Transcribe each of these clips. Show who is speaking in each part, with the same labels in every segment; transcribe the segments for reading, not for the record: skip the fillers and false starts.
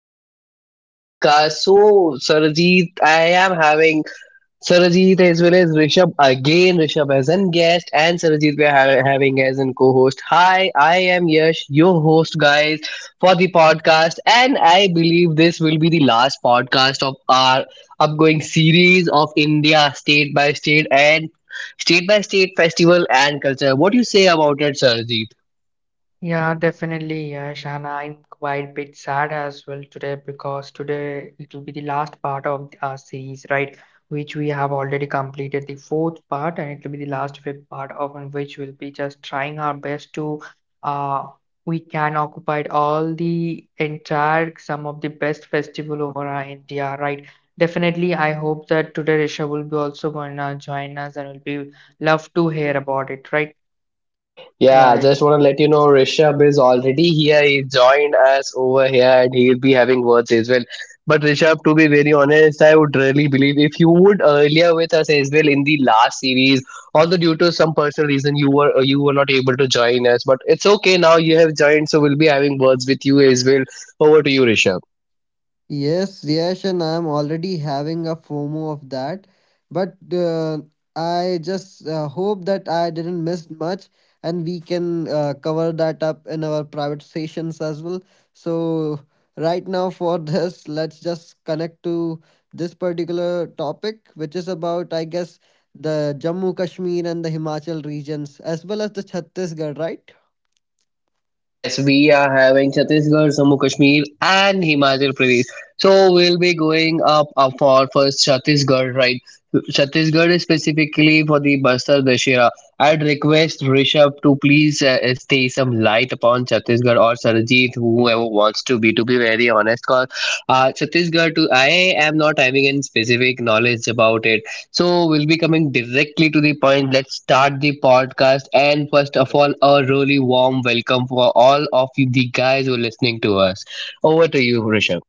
Speaker 1: back to the podcast. So, Sarajit, I am having Sarajit as well as Rishabh again. Rishabh as a guest, and Sarajit we are having as a co-host. Hi, I am Yash, your host, guys, for the podcast, and I believe this will be the last podcast of our upcoming series of India state by state and state by state festival and culture. What do you say about it, Sarajit?
Speaker 2: Yeah, definitely, Yash. And I'm quite a bit sad as well today because today it will be the last part of our series, right? Which we have already completed the fourth part, and it will be the last fifth part of in which we'll be just trying our best to uh we can occupy all the entire some of the best festival over our India, right? Definitely, I hope that today Risha will be also gonna join us and will be love to hear about it, right?
Speaker 1: Yeah, I
Speaker 3: Right.
Speaker 1: just want to let you know Rishabh is already here. He joined us over here and he'll be having words as well. But Rishabh, to be very honest, I would really believe if you would earlier with us as well in the last series, although due to some personal reason you were not able to join us, but it's okay now you have joined, so we'll be having words with you as well. Over to you, Rishabh.
Speaker 3: Yes, yes, and I'm already having a FOMO of that. But I just hope that I didn't miss much and we can cover that up in our private sessions as well. So, right now, for this, let's just connect to this particular topic, which is about, I guess, the Jammu Kashmir and the Himachal regions, as well as the Chhattisgarh, right?
Speaker 1: Yes, we are having Chhattisgarh, Jammu Kashmir, and Himachal Pradesh. So we'll be going up for first Chhattisgarh, right? Chhattisgarh is specifically for the Bastar Dashera. I'd request Rishabh to please stay some light upon Chhattisgarh or Sarjeet, whoever wants to be very honest. Cause Chhattisgarh, too, I am not having any specific knowledge about it. So we'll be coming directly to the point. Let's start the podcast. And first of all, a really warm welcome for all of you, the guys who are listening to us. Over to you, Rishabh.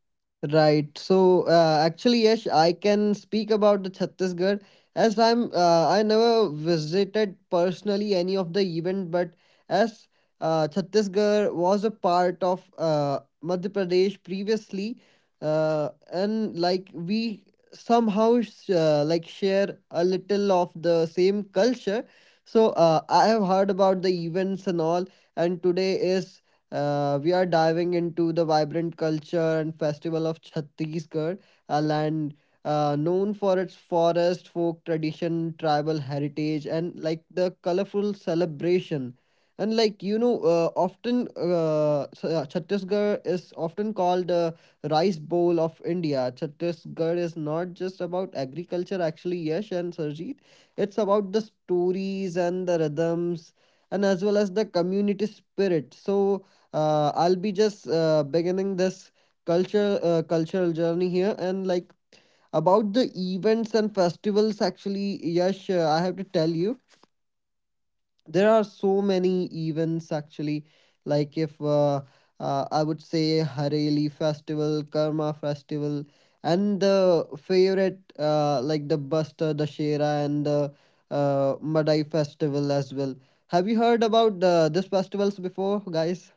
Speaker 3: Right. So actually, Yash, I can speak about the Chhattisgarh as I never visited personally any of the event, but as Chhattisgarh was a part of Madhya Pradesh previously, and like we somehow like share a little of the same culture. So I have heard about the events and all, and today is we are diving into the vibrant culture and festival of Chhattisgarh, a land known for its forest, folk tradition, tribal heritage, and like the colorful celebration. And like you know, Chhattisgarh is often called the rice bowl of India. Chhattisgarh is not just about agriculture, actually, Yash and Sarjeet. It's about the stories and the rhythms, and as well as the community spirit. So I'll be just beginning this culture cultural journey here and like about the events and festivals actually Yash I have to tell you there are so many events actually like if I would say Hareli festival Karma festival and the favorite like the Buster Dashera and the Madai festival as well have you heard about this festivals before guys?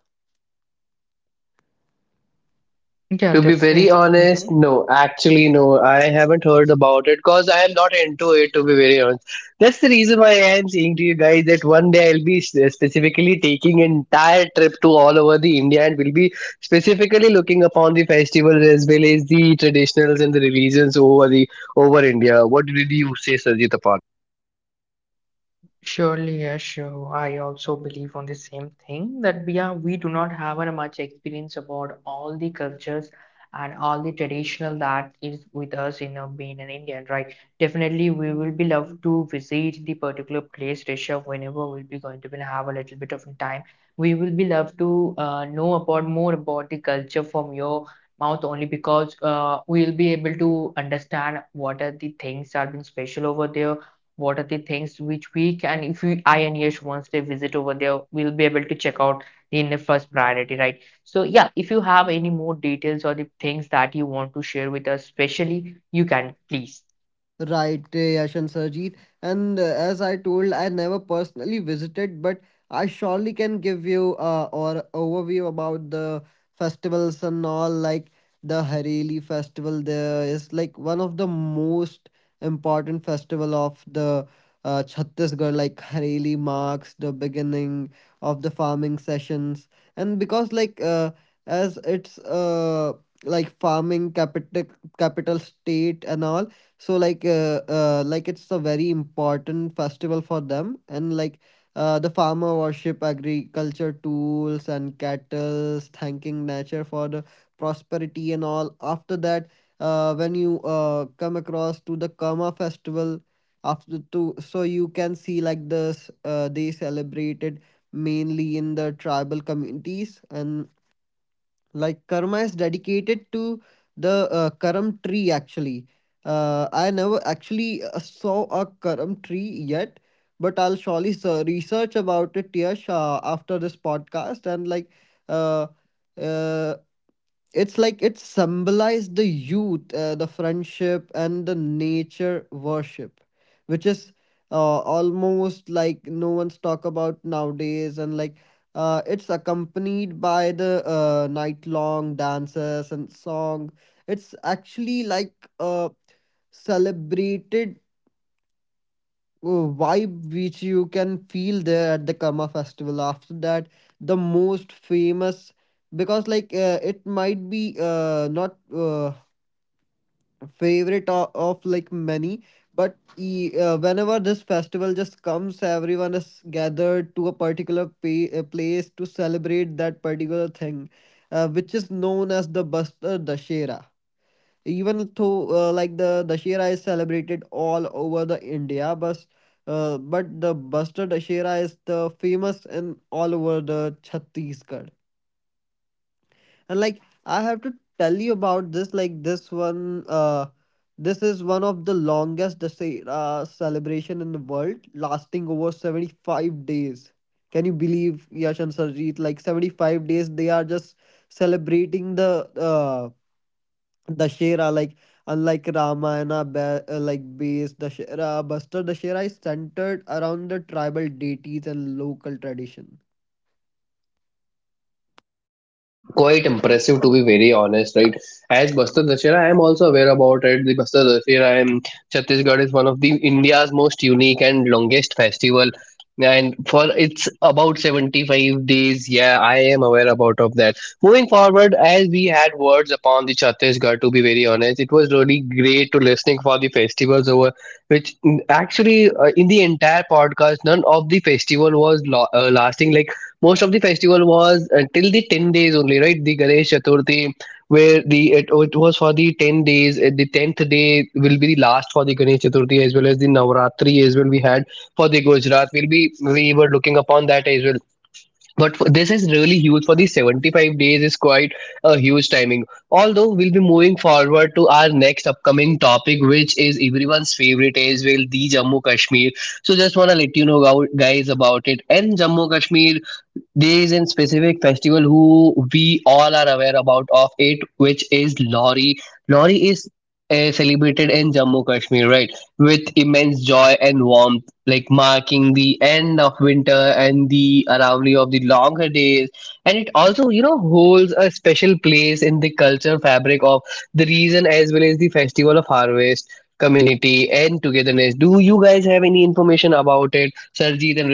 Speaker 2: Yeah,
Speaker 1: To be very
Speaker 2: definitely.
Speaker 1: honest,
Speaker 2: Mm-hmm.
Speaker 1: no. Actually, no. I haven't heard about it because I am not into it. To be very honest, that's the reason why I am saying to you guys that one day I'll be specifically taking entire trip to all over the India, and will be specifically looking upon the festivals as well as the traditionals and the religions over India. What did you say, Sajid?
Speaker 2: Surely, yes, sure. I also believe on the same thing that we do not have a much experience about all the cultures and all the traditional that is with us in being an Indian, right? Definitely, we will be love to visit the particular place, Rishabh, whenever we'll be going to be have a little bit of time. We will be love to know about more about the culture from your mouth only because we'll be able to understand what are the things that have been special over there, what are the things which we can if we I and Yash once they visit over there we'll be able to check out in the first priority, right? So yeah, if you have any more details or the things that you want to share with us especially you can please.
Speaker 3: Right, Yash and Sarjeet. And as I told, I never personally visited, but I surely can give you or overview about the festivals and all. Like the Hareli festival, there is like one of the most important festival of the Chhattisgarh. Like Hareli marks the beginning of the farming sessions, and because like as it's like farming capital state and all so like it's a very important festival for them and like the farmer worship agriculture tools and cattle thanking nature for the prosperity and all. After that when you come across to the Kama festival after to so you can see like this they celebrated mainly in the tribal communities and like karma is dedicated to the karam tree actually. I never actually saw a karam tree yet, but I'll surely research about it, Yash, after this podcast and like uh, uh, it's like it symbolized the youth the friendship and the nature worship which is almost like no one's talk about nowadays and like it's accompanied by the night long dances and song. It's actually like uh, celebrated vibe which you can feel there at the Karma festival. After that, the most famous because like it might be not favorite of like many, but whenever this festival just comes, everyone is gathered to a particular place to celebrate that particular thing, which is known as the Bastar Dashera. Even though like the Dashera is celebrated all over the India, but the Buster Dashera is the famous in all over the Chhattisgarh. And like I have to tell you about this, like this one, this is one of the longest Dashera celebration in the world, lasting over 75 days. Can you believe Yash and Sarjeet? Like 75 days, they are just celebrating the Dashera, like unlike Ramayana, like based Dashera, Buster Dashera is centered around the tribal deities and local tradition.
Speaker 1: Quite impressive, to be very honest, right? As Bastar Dashera, I am also aware about it. The Bastar Dashera in Chhattisgarh is one of the India's most unique and longest festival, and for it's about 75 days. Yeah, I am aware about of that. Moving forward, as we had words upon the Chhattisgarh, to be very honest, it was really great to listening for the festivals over which actually, in the entire podcast, none of the festival was lasting, like most of the festival was until the 10 days only, right? The Ganesh Chaturthi, where the it, oh, it was for the 10 days. The 10th day will be the last for the Ganesh Chaturthi as well as the Navratri as well. We had for the Gujarat, we will be we were looking upon that as well. But this is really huge for the 75 days is quite a huge timing. Although we'll be moving forward to our next upcoming topic, which is everyone's favorite as well, the Jammu Kashmir. So just want to let you know guys about it. And Jammu Kashmir, there is a specific festival who we all are aware about of it, which is Lori. Lori is celebrated in Jammu Kashmir, right, with immense joy and warmth, like marking the end of winter and the arrival of the longer days. And it also, you know, holds a special place in the culture fabric of the region as well as the festival of harvest, community, and togetherness. Do you guys have any information about it, Sarjeet and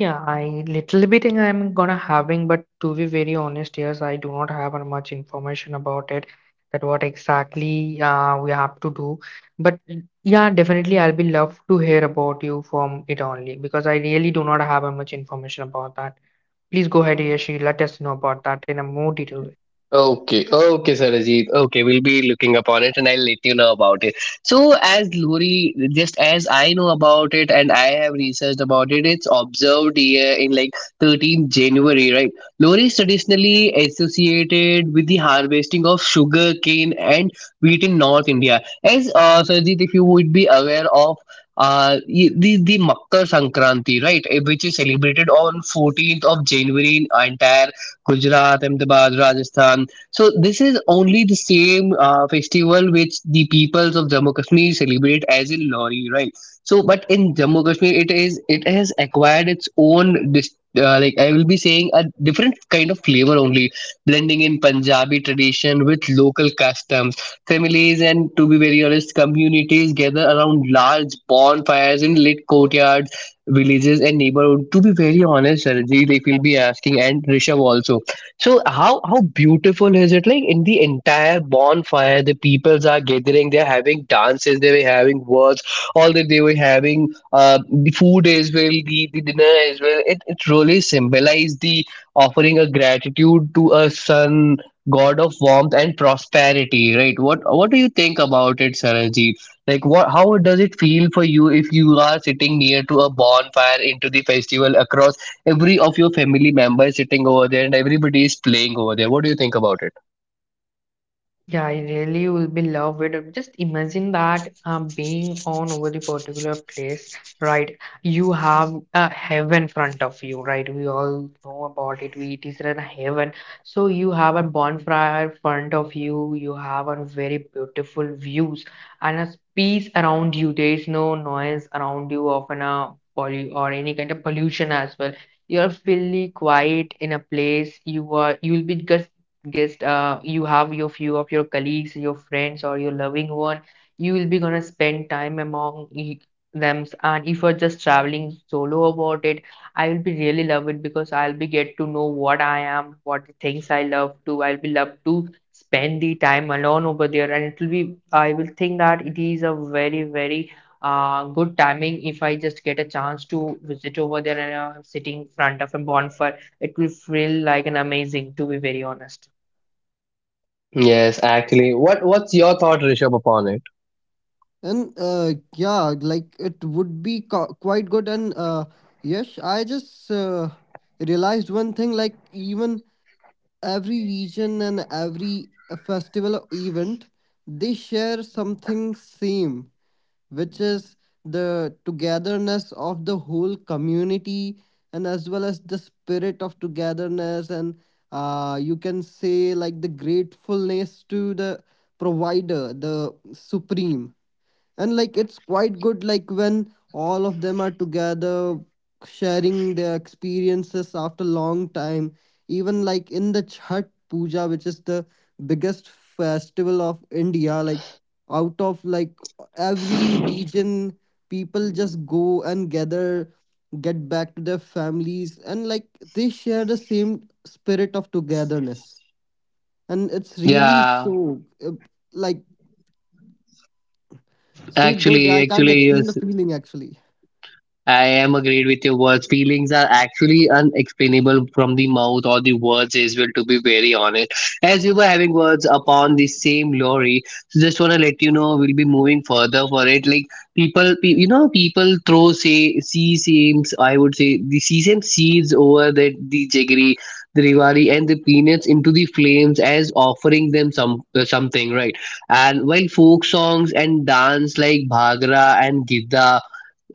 Speaker 2: Yeah, I little bit think I'm gonna having, but to be very honest, yes, I do not have much information about it that what exactly we have to do. But yeah, definitely I'll be love to hear about you from it only because I really do not have much information about that. Please go ahead, Hayashi, let us know about that in a more detail.
Speaker 1: Okay, okay, Sarajit. Okay, we'll be looking upon it and I'll let you know about it. So, as Lori, just as I know about it and I have researched about it, it's observed here in like 13th January, right? Lori is traditionally associated with the harvesting of sugar cane and wheat in North India. As Sarajit, if you would be aware of the Makar Sankranti, right, which is celebrated on 14th of January in entire Gujarat, Ahmedabad, Rajasthan. So this is only the same festival which the peoples of Jammu Kashmir celebrate as in Lori, right? So, but in Jammu Kashmir, it has acquired its own like I will be saying a different kind of flavor only, blending in Punjabi tradition with local customs. Families and, to be very honest, communities gather around large bonfires in lit courtyards, villages and neighborhood. To be very honest, Sarojit, if you'll be asking, and Rishabh also, so how beautiful is it? Like in the entire bonfire, the peoples are gathering, they're having dances, they were having words, all that. They were having the food as well, the dinner as well. It really symbolized the offering a gratitude to a sun god of warmth and prosperity, right? What do you think about it, Sarah? Like what? How does it feel for you if you are sitting near to a bonfire into the festival, across every of your family members sitting over there and everybody is playing over there? What do you think about it?
Speaker 2: Yeah, I really will be loved with it. Just imagine that being on over the particular place, right? You have a heaven front of you, right? We all know about it. We It is a heaven. So you have a bonfire front of you. You have a very beautiful views and a peace around you. There is no noise around you of an poly or any kind of pollution as well. You're fully quiet in a place. You are. You will be just guest you have your few of your colleagues, your friends or your loving one, you will be gonna spend time among them. And if you're just traveling solo about it, I will be really love it because I'll be get to know what I am, what things I love to, I'll be love to spend the time alone over there. And it will be I will think that it is a very very good timing if I just get a chance to visit over there and sitting in front of a bonfire it will feel like an amazing to be very honest.
Speaker 1: Yes, actually, what's your thought, Rishabh, upon it?
Speaker 3: And yeah, like it would be quite good. And yes, I just realized one thing. Like even every region and every festival or event, they share something same which is the togetherness of the whole community and as well as the spirit of togetherness and you can say like the gratefulness to the provider, the supreme. And like it's quite good like when all of them are together sharing their experiences after long time, even like in the chhat puja which is the biggest festival of india, like out of like every region, people just go and gather, get back to their families and like they share the same spirit of togetherness and it's really
Speaker 1: Yeah,
Speaker 3: so uh, like so good.
Speaker 1: actually,
Speaker 3: I can't
Speaker 1: actually,
Speaker 3: explain
Speaker 1: yes.
Speaker 3: the feeling actually.
Speaker 1: I am agreed with your words. Feelings are actually unexplainable from the mouth or the words as well, to be very honest. As we were having words upon the same lorry, so just want to let you know we'll be moving further for it. Like people, pe- you know, people throw say seasams. I would say the sesame seeds over the jaggery, the rivari, and the peanuts into the flames as offering them something, right? And while folk songs and dance like bhagra and gidda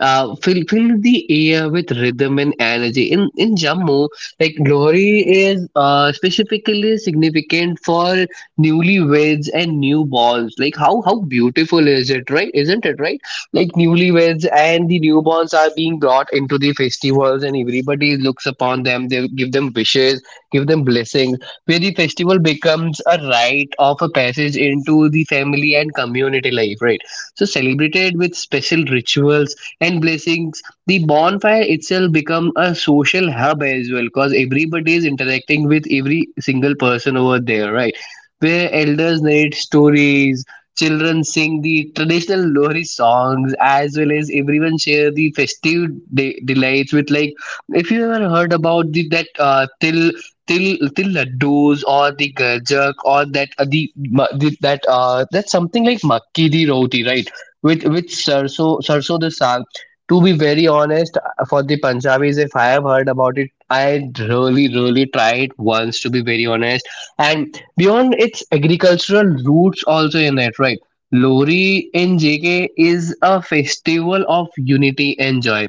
Speaker 1: fill the air with rhythm and energy. In Jammu, like Lohri is specifically significant for newlyweds and newborns. Like how beautiful is it, right? Isn't it right? Like newlyweds and the newborns are being brought into the festivals, and everybody looks upon them. They give them wishes, give them blessings. Where the festival becomes a rite of a passage into the family and community life, right? So celebrated with special rituals and blessings, the bonfire itself become a social hub as well, because everybody is interacting with every single person over there, right, where elders narrate stories, children sing the traditional Lohri songs, as well as everyone share the festive delights with, like, if you ever heard about the that till till till laddus, or the gajak, or that the, ma- the that that's something like makki di roti, right, with sarso the saag, to be very honest, for the Punjabis, if I have heard about it, I really, really tried once, to be very honest. And beyond its agricultural roots, also in it, right? Lori in JK is a festival of unity and joy,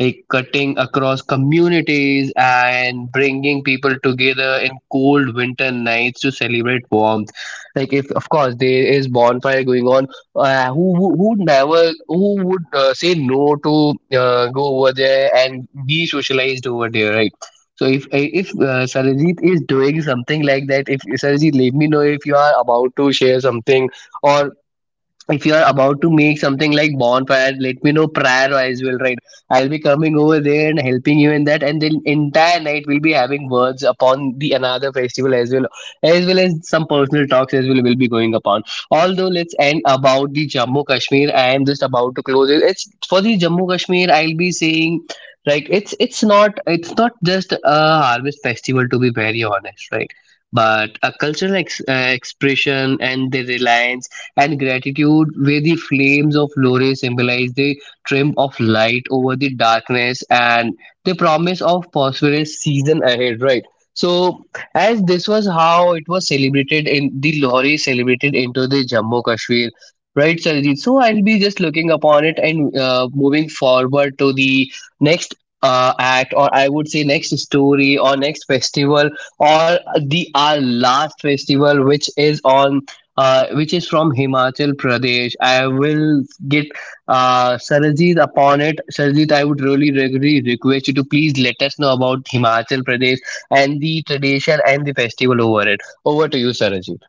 Speaker 1: like cutting across communities and bringing people together in cold winter nights to celebrate warmth. Like, if of course there is bonfire going on, who would say no to go over there and be socialized over there, right? So if Sarajit is doing something like that, if Sarajit let me know if you are about to share something, or if you are about to make something like bonfire, let me know prior as well, right? I'll be coming over there and helping you in that, and then entire night we'll be having words upon the another festival as well, as well as some personal talks as well will be going upon. Although let's end about the Jammu Kashmir. I am just about to close it. It's for the Jammu Kashmir, I'll be saying, like it's not just a harvest festival, to be very honest, right? But a cultural expression and the reliance and gratitude, where the flames of Lore symbolize the triumph of light over the darkness and the promise of prosperous season ahead, right? So, as this was how it was celebrated in the Lore, celebrated into the Jammu Kashmir, right, Sarjeet? So, I'll be just looking upon it and moving forward to the next act, or I would say next story, or next festival, or the our last festival, which is on which is from Himachal Pradesh. I will get Sarajit upon it. Sarajit, I would really, really request you to please let us know about Himachal Pradesh and the tradition and the festival over it. Over to you, Sarajit.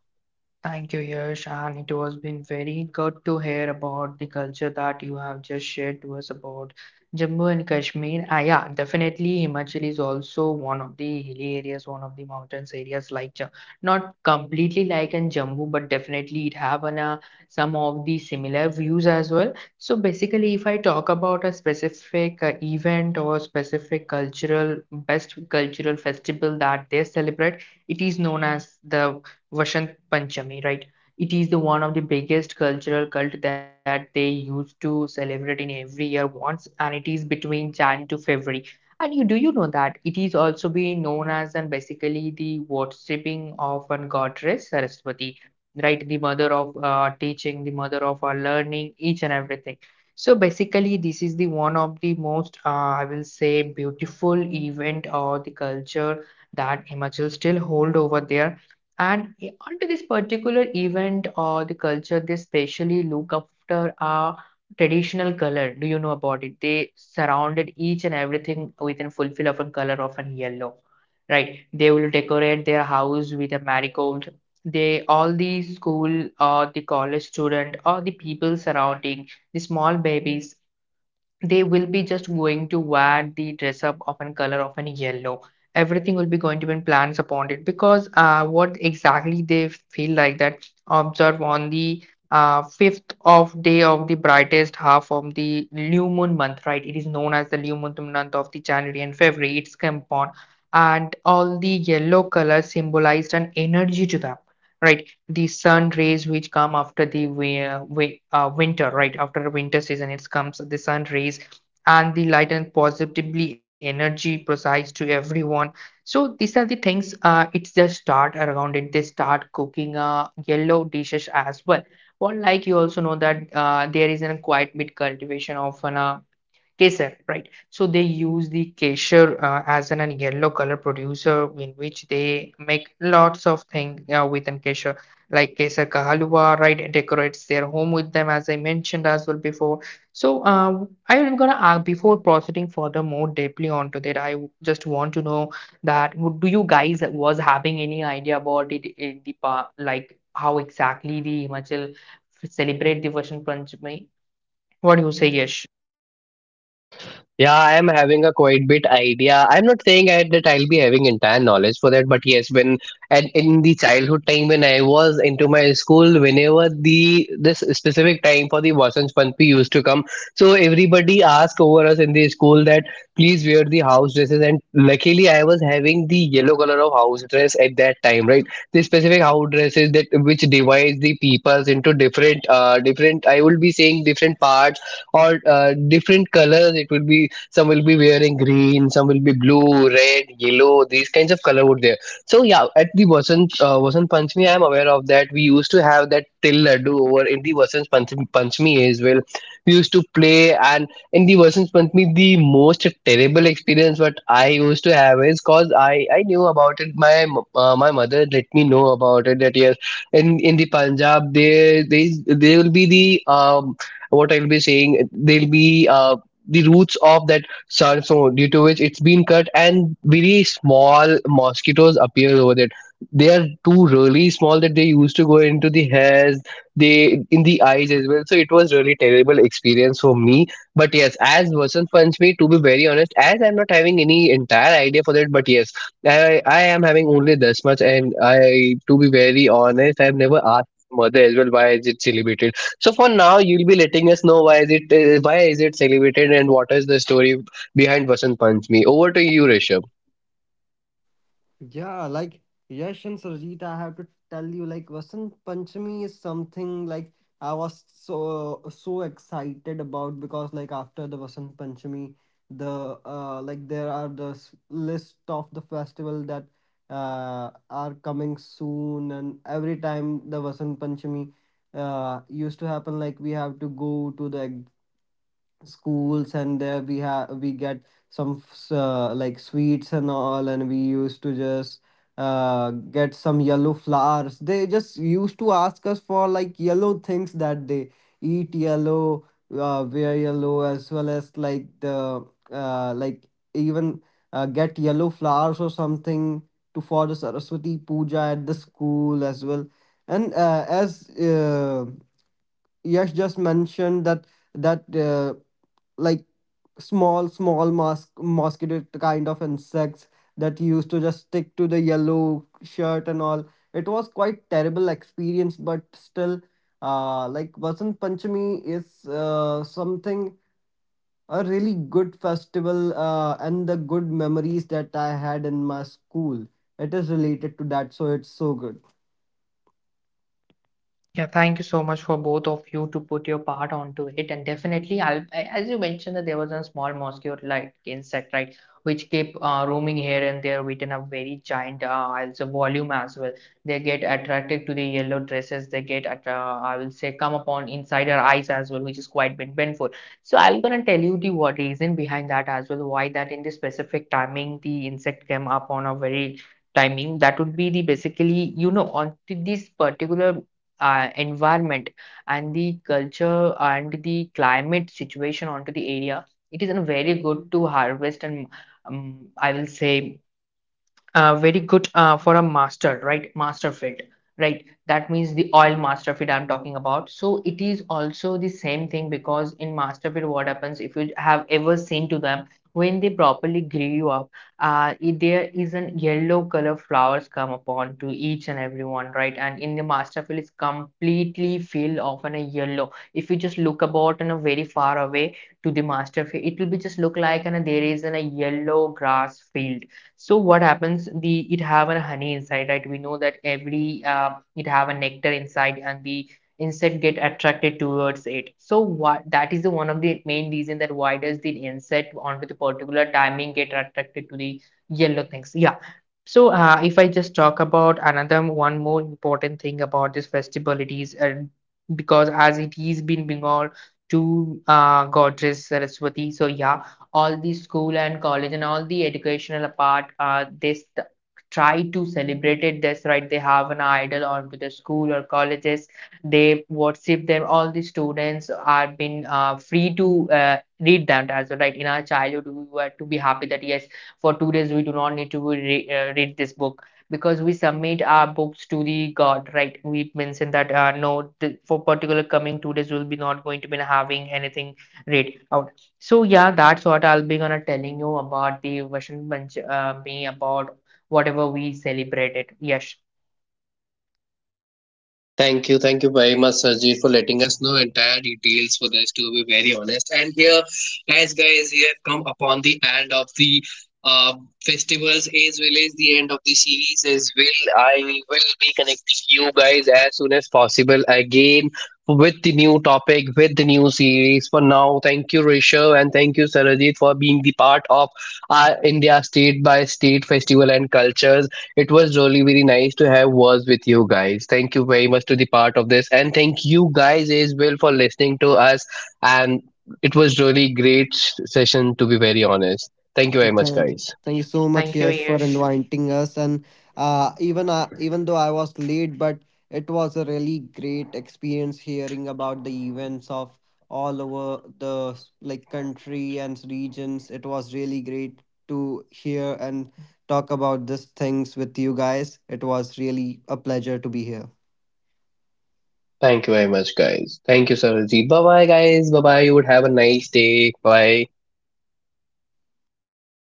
Speaker 2: Thank you, Yash, and it was been very good to hear about the culture that you have just shared to us about Jammu and Kashmir. Ah, yeah, definitely Himachal is also one of the hilly areas, one of the mountains areas like not completely like in Jammu, but definitely it have an, some of the similar views as well. So basically, if I talk about a specific event or specific cultural best cultural festival that they celebrate, it is known as the Vasant Panchami, right? It is the one of the biggest cultural cult that they used to celebrate in every year once, and it is between Jan to February. And you do you know that it is also being known as and basically the worshipping of a goddess Saraswati, right? The mother of teaching, the mother of learning, each and everything. So basically, this is the one of the most, I will say, beautiful event or the culture that Himachal still hold over there, and onto this particular event or the culture, they specially look after a traditional color. Do you know about it? They surrounded each and everything with a fulfill of a color of an yellow, right? They will decorate their house with a marigold. They all the school or the college student or the people surrounding the small babies, they will be just going to wear the dress up of a color of a yellow. Everything will be going to be plans upon it because what exactly they feel like that observe on the fifth of day of the brightest half of the new moon month, right? It is known as the new moon month of the January and February it's come on, and all the yellow color symbolized an energy to them, right? The sun rays which come after the uh, winter, right? After the winter season it comes the sun rays and the light and positively energy precise to everyone. So these are the things it's just start around it. They start cooking yellow dishes as well. Well, like you also know that there is a quite bit cultivation of an Kesar, right? So they use the kesar as an yellow color producer in which they make lots of things within kesar, like kesar ka halwa, right? It decorates their home with them, as I mentioned as well before. So I'm gonna ask before proceeding further more deeply onto that. I just want to know that do you guys was having any idea about it in the pa, like how exactly the Himachal celebrate the Vasant Panchami? What do you say, Yes.
Speaker 1: Yeah, I am having a quite bit idea. I'm not saying that I'll be having entire knowledge for that, but yes, when and in the childhood time when I was into my school, whenever the this specific time for the Vasant Panchami used to come, so everybody asked over us in the school that please wear the house dresses, and luckily I was having the yellow color of house dress at that time, right? The specific house dresses that which divides the peoples into different, different. I will be saying different parts, or different colors. It would be, some will be wearing green, some will be blue, red, yellow. These kinds of color would there. So yeah, at the Vasant Panchami, I am aware of that we used to have that till laddu over in the Vasant Panchami as well. We used to play. And in the Vasant Panchami, the most terrible experience what I used to have is, cause I knew about it. My mother let me know about it that yes, in the Punjab there, they will be the, um what I'll be saying, they'll be, uh the roots of that. So due to which it's been cut, and very small mosquitoes appear over it. They are too really small that they used to go into the hairs, they in the eyes as well. So it was really terrible experience for me. But yes, as Vasant punch me, to be very honest, as I'm not having any entire idea for that, but yes, I am having only this much. And I, to be very honest, I've never asked mother as well why is it celebrated. So for now, you'll be letting us know why is it celebrated, and what is the story behind Vasant Panchami. Over to you, Rishabh.
Speaker 3: Yeah, like Yash and Sarjeet, I have to tell you, like Vasant Panchami is something like I was so so excited about because like after the Vasant Panchami, the like there are the s- list of the festival that are coming soon, and every time the Vasant Panchami used to happen, like we have to go to the schools and there we get some like sweets and all and we used to just uh get some yellow flowers. They just used to ask us for like yellow things, that they eat yellow, wear yellow, as well as like the like even get yellow flowers or something to for the saraswati puja at the school as well. And as Yash just mentioned that like small mosquito kind of insects that used to just stick to the yellow shirt and all. It was quite terrible experience, but still, like Vasant Panchami is something a really good festival and the good memories that I had in my school. It is related to that, so it's so good.
Speaker 2: Yeah, thank you so much for both of you to put your part onto it. And definitely, as you mentioned that there was a small mosquito like insect, right, which keep roaming here and there within a very giant also volume as well. They get attracted to the yellow dresses. They get, at, I will say, come upon inside our eyes as well, which is quite painful. So I'm gonna tell you the what reason behind that as well, why that in the specific timing the insect came up on a very timing that would be the basically you know on to this particular environment and the culture and the climate situation onto the area, it is a very good to harvest and I will say very good for a master, right? Master fit, right? That means the oil master fit I'm talking about. So it is also the same thing because in master fit what happens if you have ever seen to them when they properly grill up there is an yellow color flowers come upon to each and everyone, right? And in the master fit it's completely filled of an a yellow, if you just look about and a very far away to the master field it will be just look like and there is an, a yellow grass field. So what happens? The it have a honey inside, right? We know that every it have a nectar inside, and the insect get attracted towards it. So what that is the one of the main reason that why does the insect on with a particular timing get attracted to the yellow things? Yeah. So if I just talk about another one more important thing about this festival, it is because as it is been Bengal to goddess Saraswati. So yeah, all the school and college and all the educational part they try to celebrate it this, right? They have an idol onto the school or colleges, they worship them. All the students are been free to read that as well, right? In our childhood we were to be happy that yes, for 2 days we do not need to read this book because we submit our books to the god, right? We mentioned that no th- for particular coming 2 days we'll be not going to be having anything read out. So yeah, that's what I'll be gonna telling you about the Vasant Panchami about whatever we celebrated. Yes,
Speaker 1: Thank you very much, Sarjeet, for letting us know entire details for this. To be very honest, and here, as guys, we have come upon the end of the uh, festivals as well as the end of the series as well. I will be connecting you guys as soon as possible again with the new topic, with the new series. For now, thank you, Rishabh, and thank you, Sarajit, for being the part of our India state by state festival and cultures. It was really very nice to have words with you guys. Thank you very much to the part of this, and thank you guys as well for listening to us. And it was really great session, to be very honest. Thank you very much,
Speaker 3: Thank,
Speaker 1: guys.
Speaker 3: thank you so much,
Speaker 2: thank you,
Speaker 3: Yash, for
Speaker 2: Yes.
Speaker 3: inviting us. And even though I was late, but it was a really great experience hearing about the events of all over the like country and regions. It was really great to hear and talk about these things with you guys. It was really a pleasure to be here.
Speaker 1: Thank you very
Speaker 2: Definitely,
Speaker 1: much,
Speaker 2: yes. Thank you
Speaker 1: guys.
Speaker 2: so
Speaker 1: Thank you,
Speaker 2: much,
Speaker 1: Sarajit.
Speaker 2: and
Speaker 1: Bye bye,
Speaker 2: definitely,
Speaker 1: guys. Bye bye. You would have a nice day. Bye.
Speaker 2: yeah. Bye, guys.